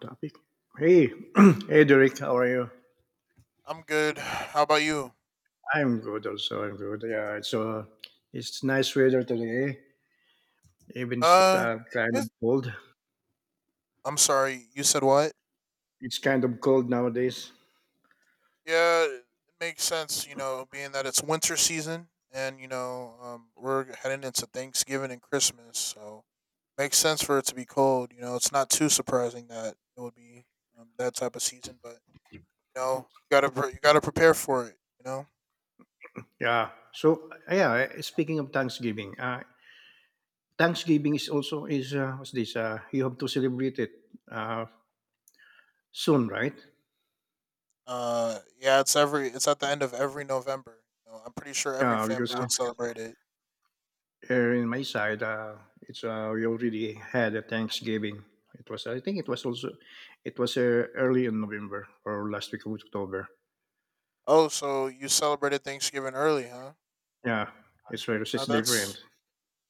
Topic. Hey, hey, Derek, how are you? I'm good. How about you? I'm good, also. I'm good. Yeah, it's nice weather today. Even it's Uh, uh, kind of it's, cold. I'm sorry. You said what? It's kind of cold nowadays. Yeah, it makes sense. You know, being that it's winter season, and we're heading into Thanksgiving and Christmas, so makes sense for it to be cold. You know, it's not too surprising that it would be that type of season, but you know, you gotta prepare for it. You know, Yeah. So yeah, speaking of Thanksgiving, Thanksgiving is also is what's this? You have to celebrate it uh, soon, right? Yeah, it's at the end of every November. You know, I'm pretty sure every Yeah, because family would celebrate it. here in my side, it's we already had a Thanksgiving. It was, I think, it was also, it was early in November or last week of October. Oh, so you celebrated Thanksgiving early, huh? Yeah, it's very Now it's different. that's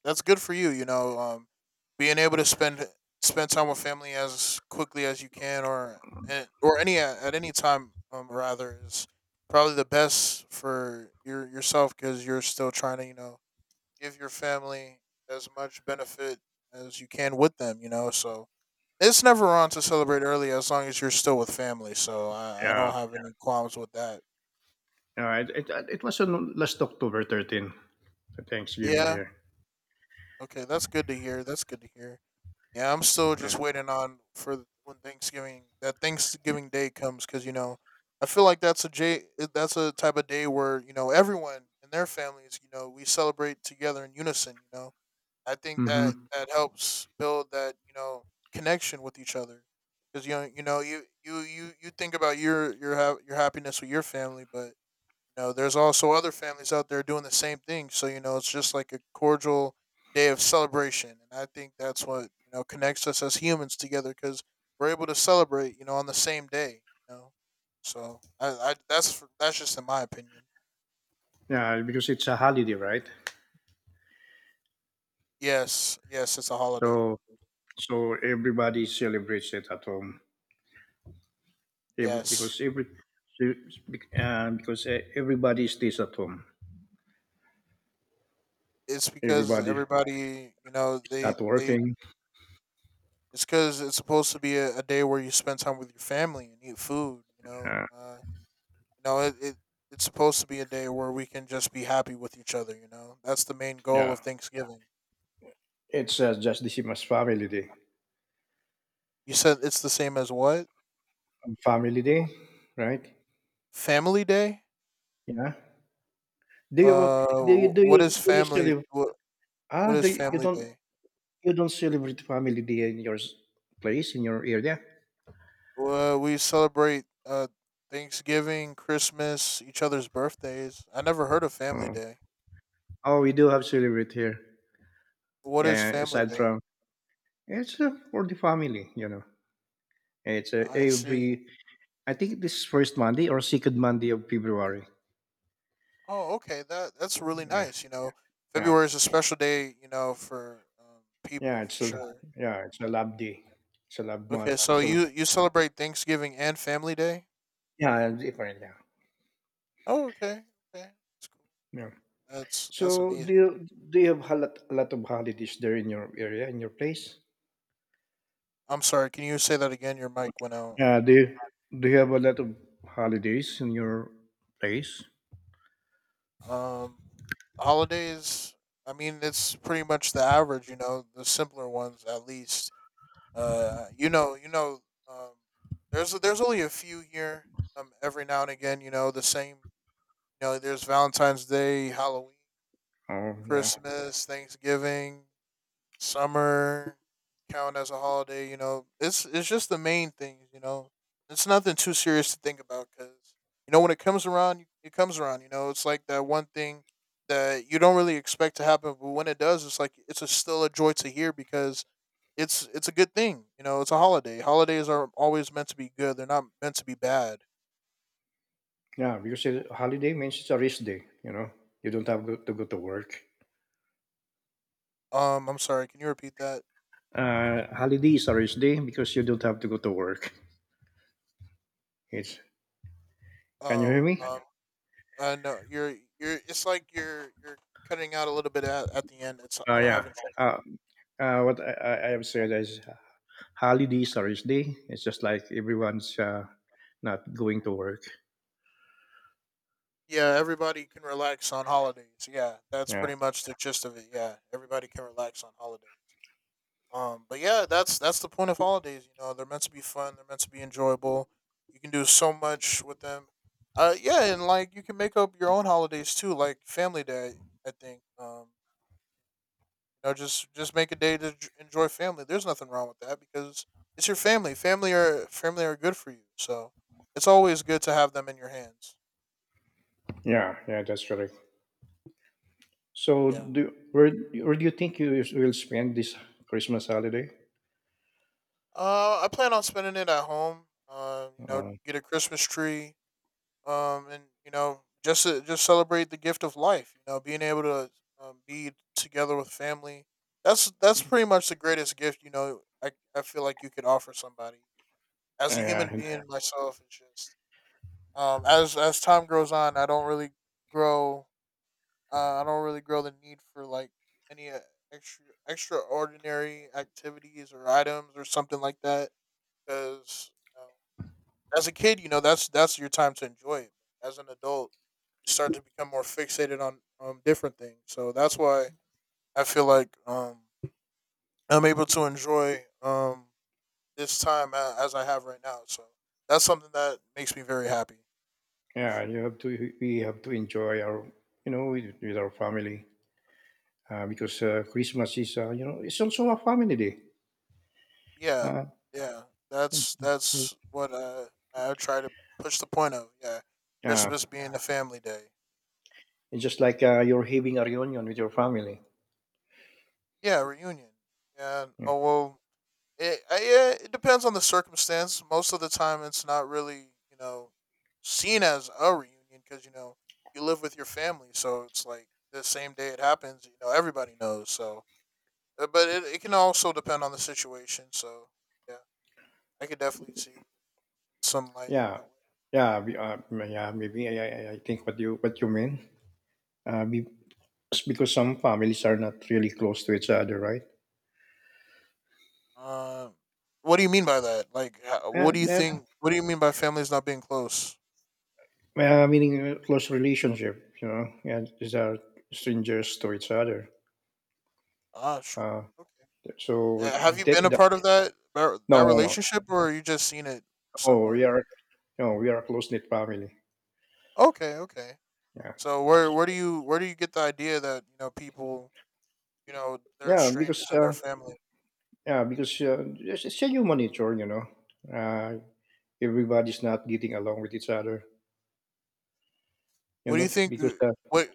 that's good for you. You know, being able to spend time with family as quickly as you can, or any time, rather is probably the best for yourself because you're still trying to give your family as much benefit as you can with them. You know, so it's never wrong to celebrate early as long as you're still with family. So I Yeah, don't have any qualms with that. yeah. It was on last October 13, the Thanksgiving Yeah. here. Okay, that's good to hear. That's good to hear. Yeah, I'm still Yeah. just waiting on when Thanksgiving that Thanksgiving day comes because you know I feel like that's a type of day where everyone and their families we celebrate together in unison. You know, I think that Mm-hmm. that helps build that connection with each other because you think about your happiness with your family, but you know, there's also other families out there doing the same thing. So, you know, it's just like a cordial day of celebration. And I think that's what, you know, connects us as humans together because we're able to celebrate, you know, on the same day, you know. So, I that's just in my opinion. Yeah, because it's a holiday, right? Yes, yes, it's a holiday. So so everybody celebrates it at home. Every, Yes. because every e, because everybody stays at home. It's because Everybody everybody, you know, not they working. It's supposed to be a day where you spend time with your family and eat food. Uh, You know, it, it it's supposed to be a day where we can just be happy with each other. That's the main goal Yeah, of Thanksgiving. it's just the same as family day. You said it's the same as what? On family day, right? Family Day. Yeah. Do you do you do you What is do you family? celebrate? What Ah, what is you family don't day? Celebrate family day in your place in your area? Well, we celebrate Thanksgiving, Christmas, each other's birthdays. I never heard of family Oh, day. oh, we do have celebrate here. What Yeah, is yeah, family aside day? from it's for the family, you know. It's I see. every I think this is first Monday or second Monday of February. Oh, okay. That's really Yeah, nice. You know, yeah, February is a special day. For yeah. people for It's a sure. yeah, it's a lab day. It's a lab Okay, month. so So you celebrate Thanksgiving and Family Day? yeah, different. Yeah, Oh, okay, okay, that's cool. yeah. That's So do amazing. you do you have a lot of holidays there in your area in your place? I'm sorry. Can you say that again? Your mic went out. Yeah. Do you have a lot of holidays in your place? Um, Holidays. I mean, it's pretty much the average. The simpler ones at least. You know, you know. Um, there's only a few here. Every now and again, the same. There's Valentine's Day, Halloween, Oh yeah, Christmas, Thanksgiving. Summer count as a holiday. It's just the main things. It's nothing too serious to think about because when it comes around, it comes around. It's like that one thing that you don't really expect to happen, but when it does, it's like it's a, still a joy to hear because it's a good thing. It's a holiday. Holidays are always meant to be good. They're not meant to be bad. yeah. Because a holiday means it's a rest day. You know, you don't have to go to work. I'm sorry. Can you repeat that? Holiday is a rest day because you don't have to go to work. It's can you hear Oh, me? No. You're. It's like you're cutting out a little bit at the end. It's Uh, I'm yeah. having trouble. Uh, what I have said is holiday is a rest day. It's just like everyone's not going to work. Yeah, everybody can relax on holidays. Yeah, that's Yeah, pretty much the gist of it. Yeah, everybody can relax on holidays. But yeah, that's the point of holidays. They're meant to be fun. They're meant to be enjoyable. You can do so much with them. Yeah, and like you can make up your own holidays too, like Family Day. I think. Just make a day to enjoy family. There's nothing wrong with that because it's your family. Family are good for you. So it's always good to have them in your hands. yeah, yeah. That's correct. So, Yeah. do where do you think you will spend this Christmas holiday? I plan on spending it at home. Uh, Get a Christmas tree. And just celebrate the gift of life. Being able to be together with family. That's pretty much the greatest gift. I feel like you could offer somebody as a human and being. Myself, it's just as time grows on, I don't really grow. I don't really grow the need for like any extraordinary activities or items or something like that because as a kid, that's your time to enjoy it. As an adult, you start to become more fixated on different things. So that's why I feel like I'm able to enjoy this time as I have right now. So that's something that makes me very happy. yeah, you have to we have to enjoy our, you know, with our family because Christmas is, you know, it's also a family day. Yeah, Uh, yeah. That's what I try to push the point of. Yeah, yeah, Christmas being a family day. it's just like, you're having a reunion with your family. Yeah, reunion. Yeah. Yeah, Oh well, yeah, it depends on the circumstance. Most of the time, it's not really seen as a reunion because you live with your family, so it's like the same day it happens. Everybody knows. So, but it can also depend on the situation. So, yeah, I could definitely see it in some light yeah, that way. yeah. Yeah, maybe I think what you mean. Uh, be- because some families are not really close to each other, right? Um, what do you mean by that? Like, Yeah, what do you yeah, think? What do you mean by families not being close? well, meaning close relationship, you know, and these are strangers to each other. Ah, sure. Uh, Okay. so Have you that, been a that part of that No, no, no. relationship, or you just seen it Oh, we somewhere? are No, we are a close knit family. Okay, okay. Yeah, So where do you get the idea that people they're yeah, because strangers and uh, their family? yeah, because it's a human nature, you know. Uh, everybody's not getting along with each other, you What do you know, think? because What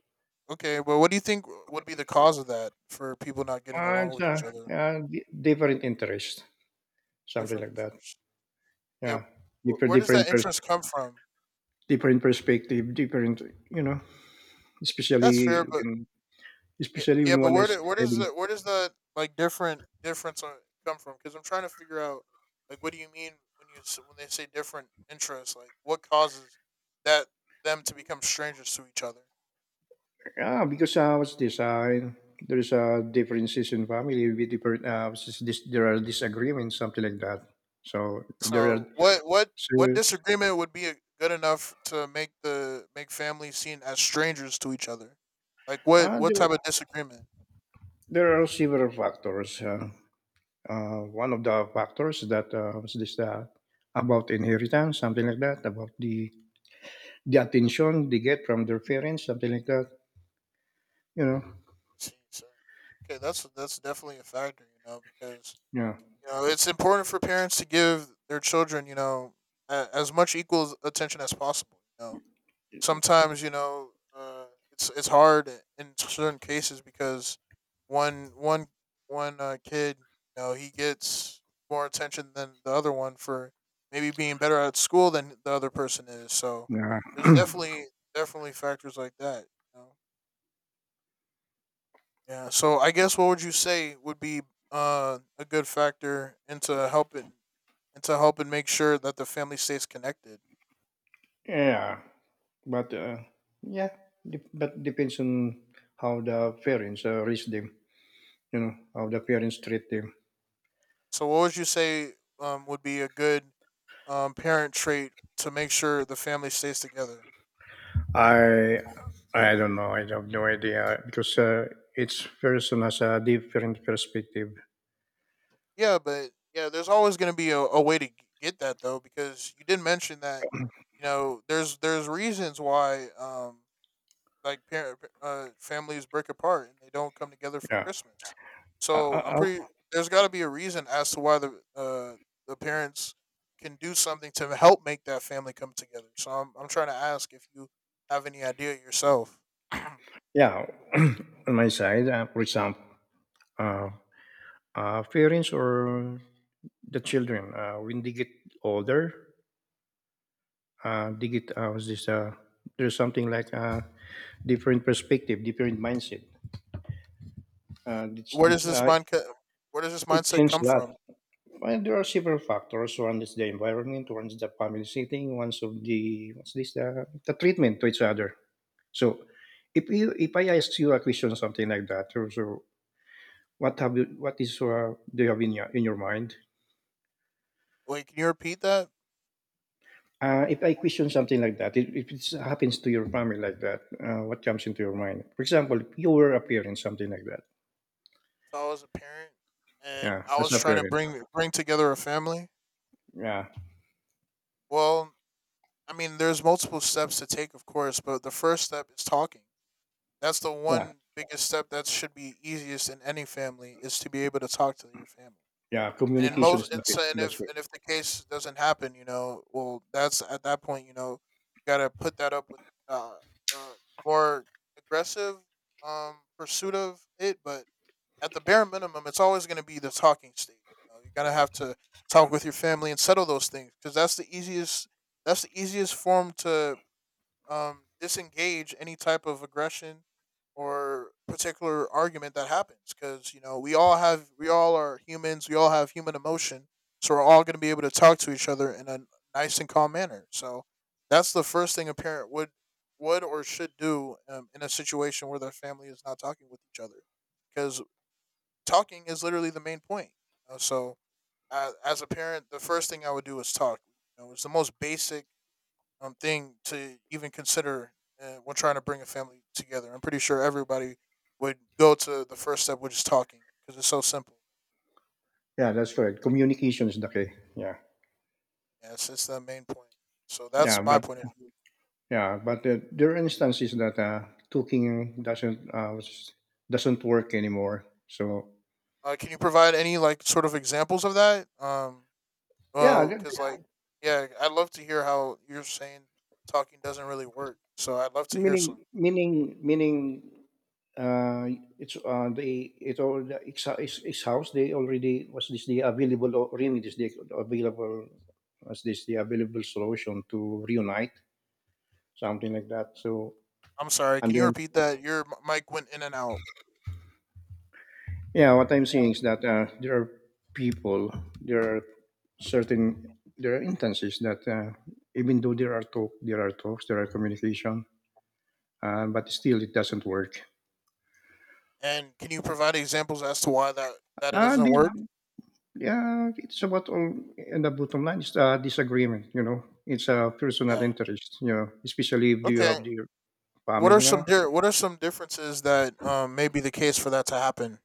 okay, but what do you think would be the cause of that for people not getting uh, along it's, with uh, each other, different interests, something different like that. interests? Yeah, Yeah, different, where does that different, pers- interest come from? different perspective, different, you know, That's especially fair, but when yeah, yeah, but one where is do, having where does the like different difference come from? Because I'm trying to figure out like what do you mean when when they say different interests? Like what causes that them to become strangers to each other? ah, because, uh, what's this, uh, there's, differences in family with different, what's this, dis there are disagreements, something like that. So, if there are, So what so, disagreement would be good enough to make the make families seen as strangers to each other? Like what what there type of disagreement? there are several factors. One of the factors that, what's this, about inheritance, something like that, about the attention they get from their parents, something like that, you know? See, so okay, that's definitely a factor, you know, because Yeah. It's important for parents to give their children, as much equal attention as possible. Sometimes it's hard in certain cases because one one one kid he gets more attention than the other one for maybe being better at school than the other person is. So Yeah. there's definitely factors like that. You know? Yeah. So I guess what would you say would be a good factor into helping make sure that the family stays connected? Yeah. But uh, yeah, but depends on how the parents raise them. You know how the parents treat them. So, what would you say would be a good parent trait to make sure the family stays together? I I don't know. I have no idea because each person has a different perspective. Yeah, but yeah, there's always going to be a way to get that though, because you did mention that there's reasons why like parent families break apart and they don't come together for Yeah. Christmas. Uh, uh, So I'm uh, pretty. There's got to be a reason as to why uh, the parents can do something to help make that family come together. So I'm trying to ask if you have any idea yourself. yeah. On my side, for example, uh, parents or the children, when they get older, they get what's this there's something like a different perspective, different mindset. Uh, it's- where does it, this uh, mind co- Where does this It mindset seems come that, from? well, there are several factors. One is the environment, one is the family setting, one of the the treatment to each other. So if you if I ask you a question, something like that, or so what have you what is do you have in your mind? Wait, can you repeat that? If I question something like that, if it happens to your family like that, what comes into your mind? For example, if you were a parent, something like that. If I was a parent and Yeah, I as was a trying to parent. bring together a family, Yeah, well, I mean, there's multiple steps to take, of course, but the first step is talking. That's the yeah, one biggest step that should be easiest in any family is to be able to talk to your family. yeah. And in Yeah. Communication most, is and, the key. so, That's right. and if the case doesn't happen, well, that's at that point, gotta put that up with uh, uh more aggressive pursuit of it. But at the bare minimum, it's always gonna be the talking stage. You gotta have to talk with your family and settle those things because that's the easiest. That's the easiest form to disengage any type of aggression or particular argument that happens because you know we all are humans, we all have human emotion, so we're all going to be able to talk to each other in a nice and calm manner. So that's the first thing a parent would or should do in a situation where their family is not talking with each other, because talking is literally the main point, so as a parent the first thing I would do is talk. It's the most basic thing to even consider when trying to bring a family together. I'm pretty sure everybody would go to the first step, which is talking, because it's so simple. Yeah, that's right. Communication is the key. Yeah. Yes, it's the main point. So Yeah, that's my but point of view. yeah, but there are instances that cooking doesn't work anymore. So Can you provide any like sort of examples of that? Yeah, Well, because like, yeah, I'd love to hear how you're saying talking doesn't really work. So I'd love to hear meaning some. Uh, it's they it all the ex, ex, ex house they already was this the available or remedies the available was this the available solution to reunite, something like that. So I'm sorry, and can you then repeat that? Your mic went in and out. yeah, what I'm seeing is that there are people, there are certain, there are instances that even though there are talks, there are communication, but still it doesn't work. And can you provide examples as to why that it Uh, doesn't work? the, yeah, it's about all, and the bottom line is disagreement. You know, it's a personal Yeah. interest. You know, especially if you Okay. have your What are family some now. What are some differences that may be the case for that to happen?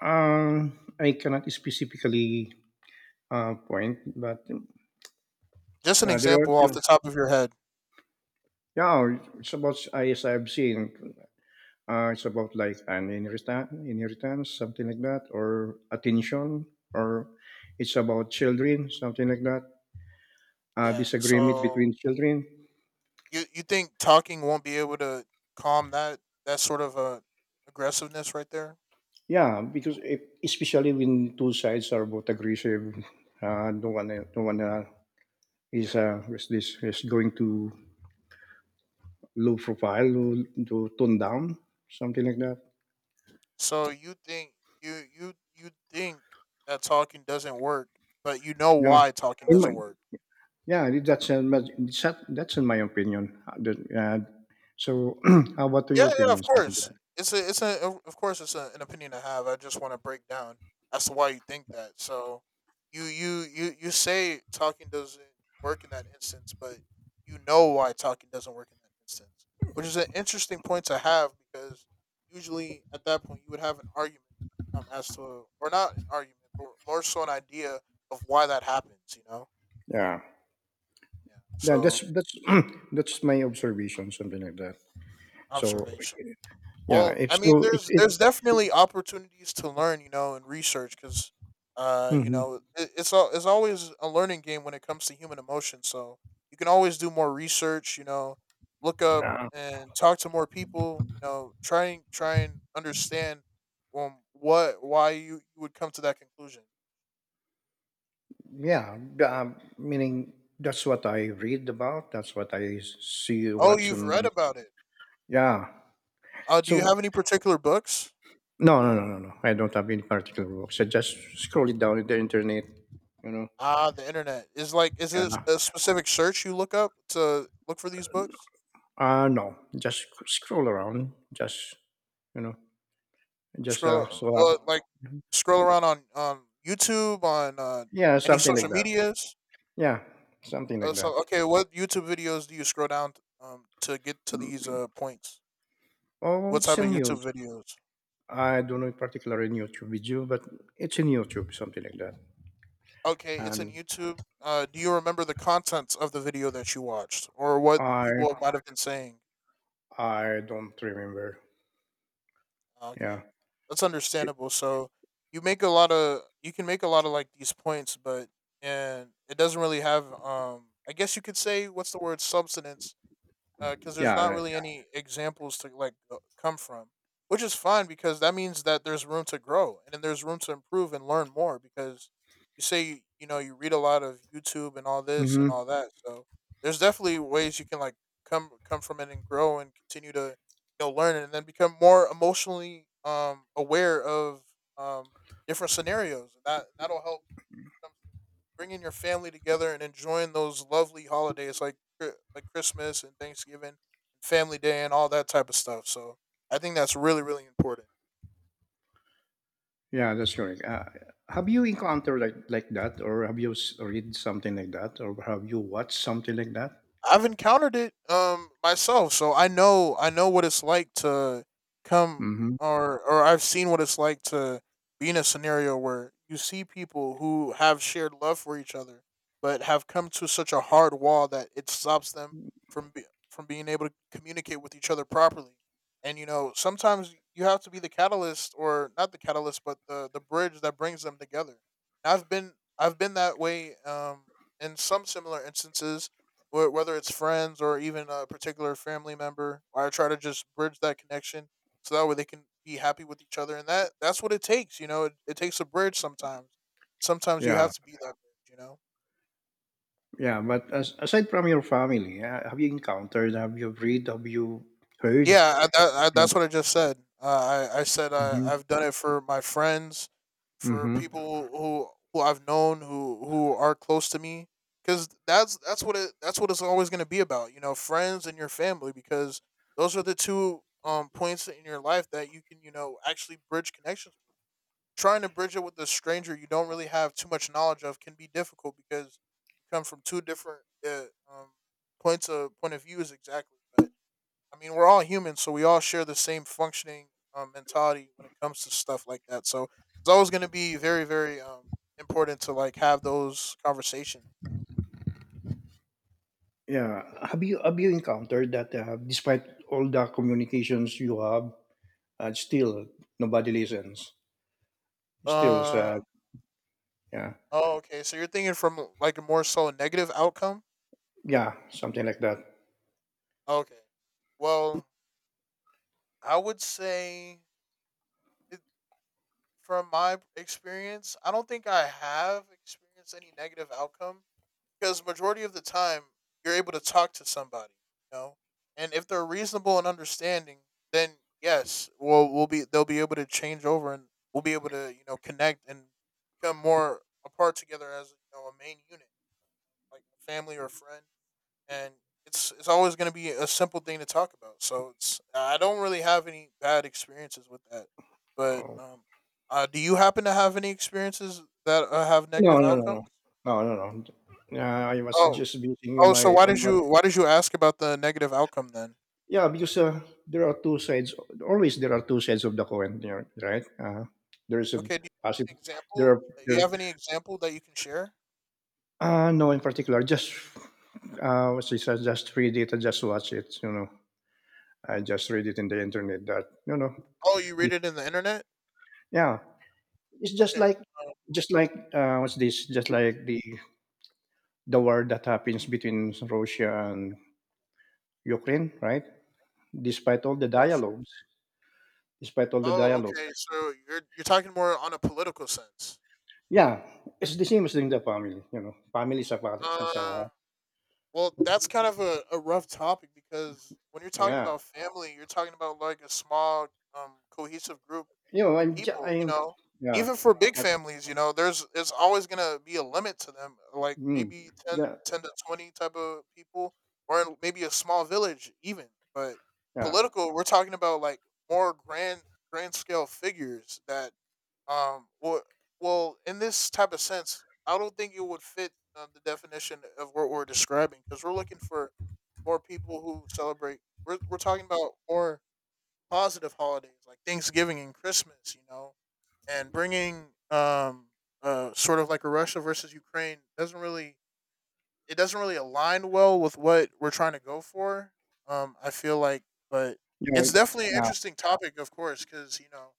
Uh, I cannot specifically point, but Just an there are, example you off know, the top of your head. yeah, it's about, as I've seen, it's about like an inheritance, something like that, or attention, or it's about children, something like that. Yeah. Disagreement So between children. you think talking won't be able to calm that sort of aggressiveness right there? Yeah, because if, especially when two sides are both aggressive, no one is going to low profile, low to tone down, something like that. So you think you think that talking doesn't work, but you know Yeah, why talking in my, doesn't work. yeah, that's but that's in my opinion. So, how about Yeah, your yeah, of opinion? Something course. Of course, an opinion to have. I just want to break down as to why you think that. So, you say talking doesn't work in that instance, but you know why talking doesn't work in that instance, which is an interesting point to have, because usually at that point you would have an argument, as to, or not an argument, but more so an idea of why that happens. You know. yeah, Yeah. yeah, So that's that's my observation, something like that. So observation. yeah, Well, if I mean, so, if there's it, there's definitely opportunities to learn, you know, and research, because you hmm know, it's always a learning game when it comes to human emotion. So you can always do more research, you know, look up uh, and talk to more people, you know, try and understand what why you would come to that conclusion. yeah, meaning that's what I read about. That's what I see, Oh, watch, you've read and about it. yeah. Do you So have any particular books? no, no, no, no, no. I don't have any particular books. I just scroll it down in the internet. You know, Ah, the internet. Is this yeah. a specific search you look up to look for these books? No, just sc- scroll around. Just, you know, just Scroll like scroll around on YouTube, on yeah, any something like social that. medias. Yeah, something like that. So okay, what YouTube videos do you scroll down to get to these points? Oh, What it's type of in YouTube. YouTube videos? I don't know in particular in YouTube video, but it's in YouTube, something like that. Okay, it's in And YouTube. Do you remember the contents of the video that you watched, or what I people might have been saying? I don't remember. Okay, Yeah, that's It- understandable. So you can make a lot of like these points, but and it doesn't really have I guess you could say, what's the word, substance, because there's yeah, not yeah. really, yeah, any examples to like come from, which is fine because that means that there's room to grow and then there's room to improve and learn more because you, you know you read a lot of YouTube and all this Hmm. and all that, so there's definitely ways you can like come from it and grow and continue to you know learn and then become more emotionally aware of um different scenarios that that'll help comes to bringing your family together and enjoying those lovely holidays like like Christmas and Thanksgiving, Family Day, and all that type of stuff. So I think that's really really important. Yeah, that's correct. Have you encountered like that, or have you read something like that, or have you watched something like that? I've encountered it myself, so I know what it's like to come, Hmm. or I've seen what it's like to be in a scenario where you see people who have shared love for each other but have come to such a hard wall that it stops them from be, from being able to communicate with each other properly. And you know, sometimes you have to be the catalyst, or not the catalyst but the bridge that brings them together. I've been I've been that way in some similar instances, whether it's friends or even a particular family member. I try to just bridge that connection so that way they can be happy with each other, and that's what it takes. You know, it takes a bridge sometimes. Sometimes you Yeah, have to be that bridge. You know. yeah. But, as, aside from your family, have you encountered? Have you read? Have you heard? Yeah, Yeah. that's what I just said. I said Hmm. I've done it for my friends, for Hmm. people who I've known, who are close to me, because that's what it that's what it's always going to be about. You know, friends and your family, because those are the two points in your life that you can you know actually bridge connections with. Trying to bridge it with a stranger you don't really have too much knowledge of can be difficult because you come from two different uh, um point of views exactly. I mean, we're all humans, so we all share the same functioning mentality when it comes to stuff like that. So it's always going to be very, very important to like have those conversations. You know? Yeah. Have you encountered that despite all the communications you have, still nobody listens? Still, Uh yeah, oh, okay. So you're thinking from like a more so a negative outcome. yeah, something like that. Okay. Well, I would say it, from my experience, I don't think I have experienced any negative outcome because majority of the time you're able to talk to somebody, you know, and if they're reasonable and understanding, then yes, we'll be they'll be able to change over and we'll be able to you know connect and become more apart together as you know a main unit, like a family or a friend, and it's always going to be a simple thing to talk about. So it's, I don't really have any bad experiences with that, but Oh. Do you happen to have any experiences that have No, negative no, no, outcomes? no, no, no, no. Yeah, I was Oh. just using Oh, so my own. Why did you ask about the negative outcome then? Yeah, because there are two sides. Always there are two sides of the coin, you know, right? There is a Okay, do you have positive. an There example? are You there. have any example that you can share? No, in particular, just just read it, and just watch it. You know. I just read it in the internet that, you know, Oh, you this, read it in the internet? yeah, it's Okay. Um, just like what's this? Just please. like the war that happens between Russia and Ukraine, right? Despite all the Oh, sure. dialogues, Despite all the Oh, dialogues, okay. So you're talking more on a political sense. yeah, it's the same as in the family. You know, family is a fa- is a Uh Well, that's kind of a rough topic because when you're talking yeah. about family, you're talking about like a small, cohesive group You know, of people. You I'm know, yeah, even for big but families, you know, there's it's always gonna be a limit to them. Like mm, maybe 10, yeah, 10 to 20 type of people, or in maybe a small village even. But yeah, political, we're talking about like more grand scale figures that well, in this type of sense, I don't think it would fit the definition of what we're describing because we're looking for more people who celebrate. We're talking about more positive holidays like Thanksgiving and Christmas, you know, and bringing sort of like a Russia versus Ukraine doesn't really, align well with what we're trying to go for. I feel like, but you it's know, definitely an yeah, interesting topic, of course, because you know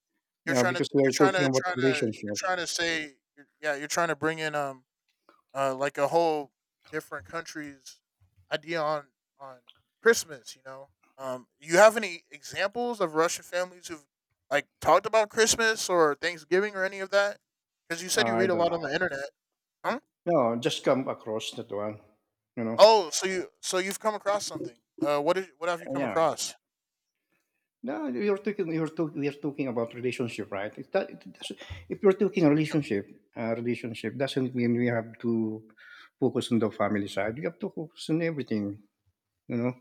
yeah, because we are talking about you're relationship. trying to say you're, yeah, you're trying to bring in like a whole different country's idea on on Christmas. You know, you have any examples of Russian families who've like talked about Christmas or Thanksgiving or any of that? Because you said you I read a don't lot know. on the internet. Huh? No, just come across that one, you know? Oh, so you've come across something. What did, what have you come Yeah. across? No, you're talking you're talk we are talking about relationship, right? It doesn't, if you're talking relationship, relationship doesn't mean we have to focus on the family side. We have to focus on everything, you know?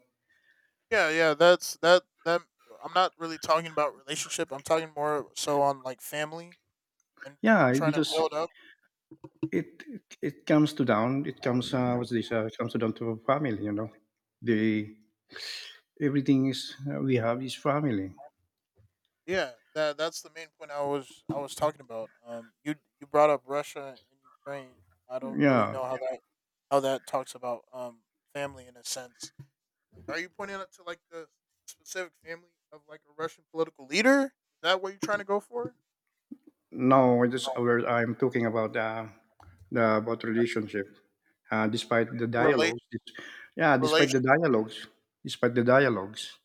Yeah, yeah, that's that that. I'm not really talking about relationship. I'm talking more so on like family and Yeah, trying to build because up. it it, it comes to down, it comes, it comes down to family, you know? The Everything is we have is family. Yeah, that's the main point I was talking about. You brought up Russia and Ukraine. I don't really Yeah. know how that talks about family in a sense. Like, are you pointing out to like the specific family of like a Russian political leader? Is that what you're trying to go for? No, I just aware I'm talking about the about relationship. Despite the Relation dialogues, dis- Yeah, despite the dialogues, despite the dialogues,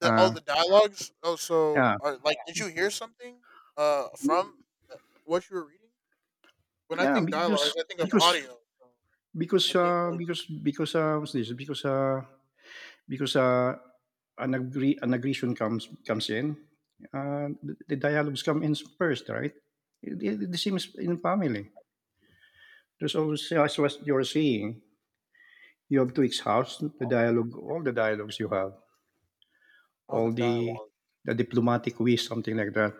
The oh, uh, the dialogues. Oh, so yeah, are like, did you hear something? From uh, what you were reading. When I yeah, think dialogues, I think of because audio. So I think of because what's this? Because an agree an aggression comes in, the dialogues come in first, right? It, the same is in family. There's always, as what you're saying, you have to exhaust all the dialogues you have, all the all dialogue. the diplomatic ways, something like that.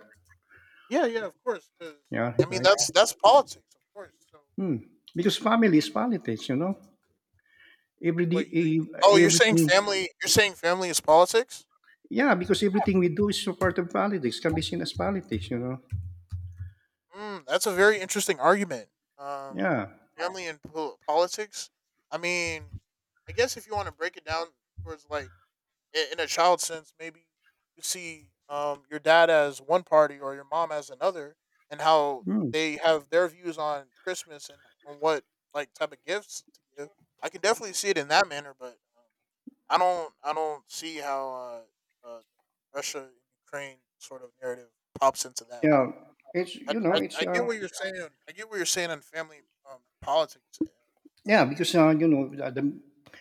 Yeah, yeah, of course. Because Yeah, I mean, right. that's politics, of course. So Hmm. Because that makes, family is politics, you know. Wait, oh, you're saying Everything. family? You're saying family is politics? Yeah, because everything we do is a part of politics. Can be seen as politics, you know. Mm, that's a very interesting argument. Um, Yeah. family and politics. I mean, I guess if you want to break it down towards like in a child sense, maybe you see your dad as one party or your mom as another, and how Hmm. they have their views on Christmas and on what like type of gifts to give. I can definitely see it in that manner, but I don't. I don't see how uh, uh, Russia and Ukraine sort of narrative pops into that. Yeah. But It's I, you know I, it's I get what you're saying. I get what you're saying on family politics. Yeah, because you know,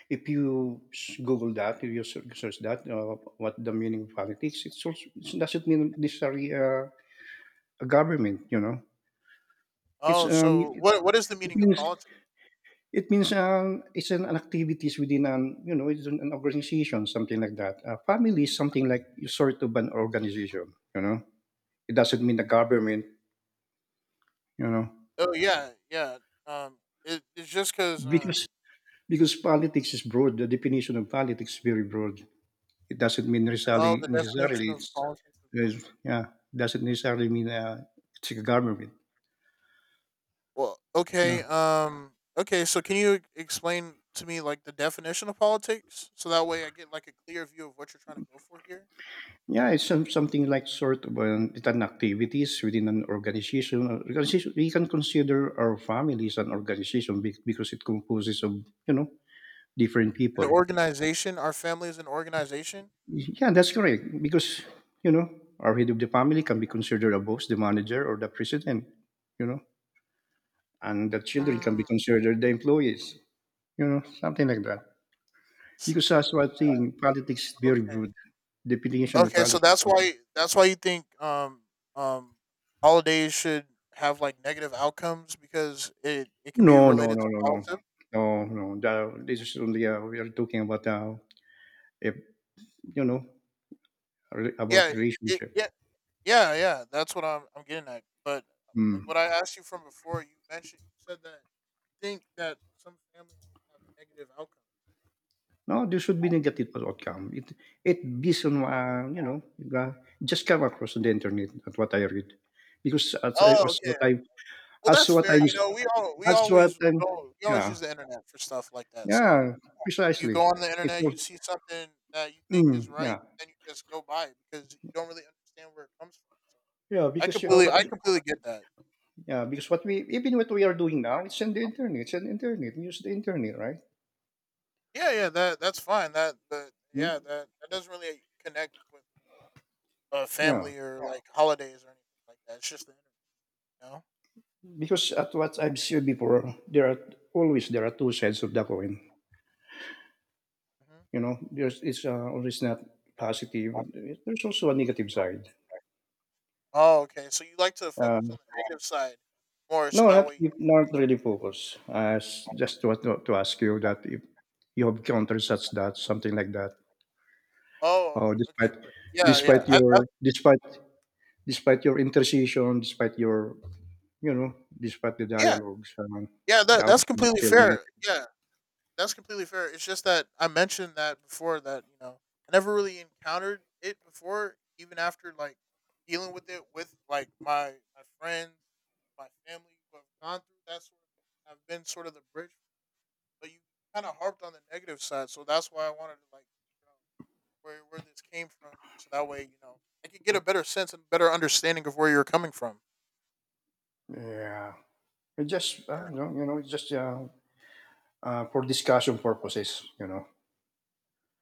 if you Google that, if you search that, what the meaning of politics, it's also, it doesn't mean necessarily a government, you know. It's, Oh, um, so it what? What is the it meaning of means politics? it means, it's an activities within an, you know, it's an organization, something like that. Family is something like sort of an organization, you know? It doesn't mean the government, you know? Oh, yeah, yeah. Um, it, it's just because Because politics is broad. The definition of politics is very broad. It doesn't mean oh, necessarily the necessarily definition of politics. it's yeah, doesn't necessarily mean, it's a government. Well, okay. Yeah. Okay. So can you explain to me like the definition of politics, so that way I get like a clear view of what you're trying to go for here? Yeah, it's some, something like sort of an, it's an activities within an organization. Organization. We can consider our family as an organization because it composes of, you know, different An people. organization. Our family is an organization. Yeah, that's correct. Because, you know, our head of the family can be considered a boss, the manager, or the president. You know, and the children can be Mm, considered the employees. You know, something like that. something Because as like what that. thing, politics is very Okay. broad definition of Okay. So politics. that's why you think um holidays should have like negative outcomes because it can be No, no, related no, to no, no. politics. No, no. That this is only, we are talking about, if, you know, about Yeah, it, relationship. yeah, yeah, yeah, that's what I'm getting at. But like Mm. what I asked you from before, you mentioned you said that you think that some families have negative outcomes. No, there should be negative outcome. It based on, you know, uh, just come across on the internet, at what I read. Because as, Oh, as what okay. I, Well, as that's what fair. I'm, You know, we all we as what always I'm, go, we always yeah, use the internet for stuff like that. So yeah, you go precisely. on the It's internet, all, you see something that you think is mm, right, yeah. and you just go by it because you don't really understand where it comes from. So Yeah, because you what I you, completely get that. Yeah, because what we are doing now, it's on the internet. Use the internet, right? Yeah, yeah, that that's fine. That, but Hmm? yeah, that that doesn't really connect with Yeah, family or, yeah, like holidays or anything like that. It's just the internet, you know. because at what I've seen before, there are always there are two sides of the coin. You Hmm. know, there's it's always not positive. There's also a negative side. Oh, okay. So you like to focus Um, on the negative side more, so no, that way. You, not really focus. Just to, to ask you that if you have countered such that something like that, oh, or okay, okay, but yeah, yeah, despite your despite your intercession, despite your, you know, despite the yeah, dialogues, yeah. the That that's outcome is completely still fair. negative. Yeah, that's completely fair. It's just that I mentioned that before that, you know, I never really encountered it before, even after like dealing with it with like my friends, my family who have gone through that sort of. I've been sort of the bridge. But you kinda harped on the negative side, so that's why I wanted to, like, you know, where this came from, so that way, you know, I could get a better sense and better understanding of where you're coming from. Yeah, it just Yeah. You know, it's just for discussion purposes. You know,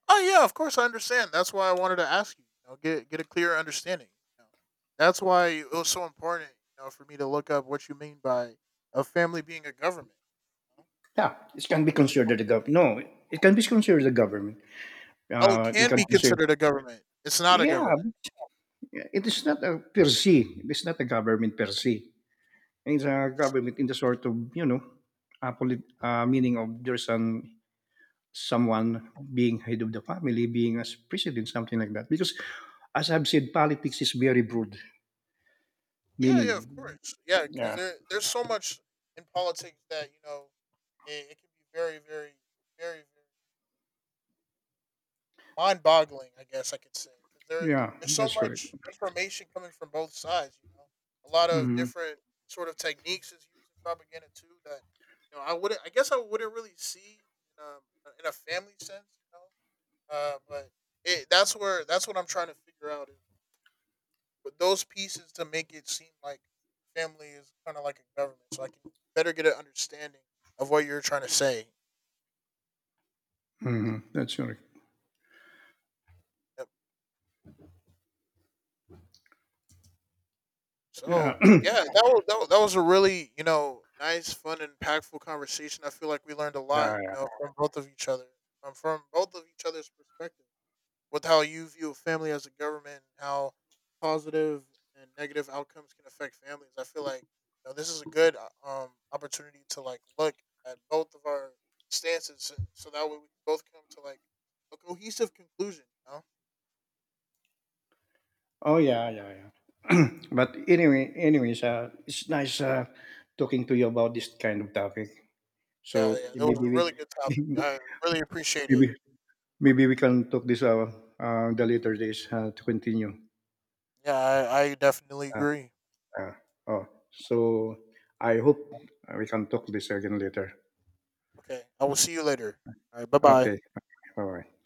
"Oh, yeah, of course, I understand, that's why I wanted to ask you, you know, get a clear understanding," you know? That's why it was so important, you know, for me to look up what you mean by a family being a government, you know? yeah, it can be considered the gov. No, it can be considered the government. Oh, it Uh, we can can be consider. considered a government. It's not a Yeah, government. it is not a per se. It's not a government per se. It's a First. government in the sort of, you know, meaning of there's an someone being head of the family, being as president, something like that. Because, as I've said, politics is very broad. Yeah, yeah, of Meaning, course. Yeah, because yeah, there's so much in politics that, you know, it can be very, very mind-boggling. I guess I could say because there yeah, there's so that's correct. much information coming from both sides. You know, a lot of Hmm. different sort of techniques is used in propaganda too. That you know, I wouldn't. I guess I wouldn't really see in um in a family sense. You know, but it, that's where that's what I'm trying to figure out. But those pieces to make it seem like family is kind of like a government, so I can better get an understanding of what you're trying to say. Hmm. That's correct. Yep. Yeah. So yeah, that was a really, you know, nice, fun, and impactful conversation. I feel like we learned a lot, you Yeah. know, from both of each other, from both of each other's perspectives. With how you view family as a government, and how positive and negative outcomes can affect families. I feel like, you know, this is a good opportunity to like look at both of our stances, so that way we can both come to like a cohesive conclusion. You know? Oh yeah, yeah, yeah. But anyway, anyways, it's nice talking to you about this kind of topic. Yeah, So yeah, that was a maybe really good topic. we, I really appreciate it. maybe maybe we can talk this the later days to continue. Yeah, I definitely Uh, agree. uh, oh, so I hope we can talk this again later. Okay, I will see you later. All right, bye bye. Okay, bye bye.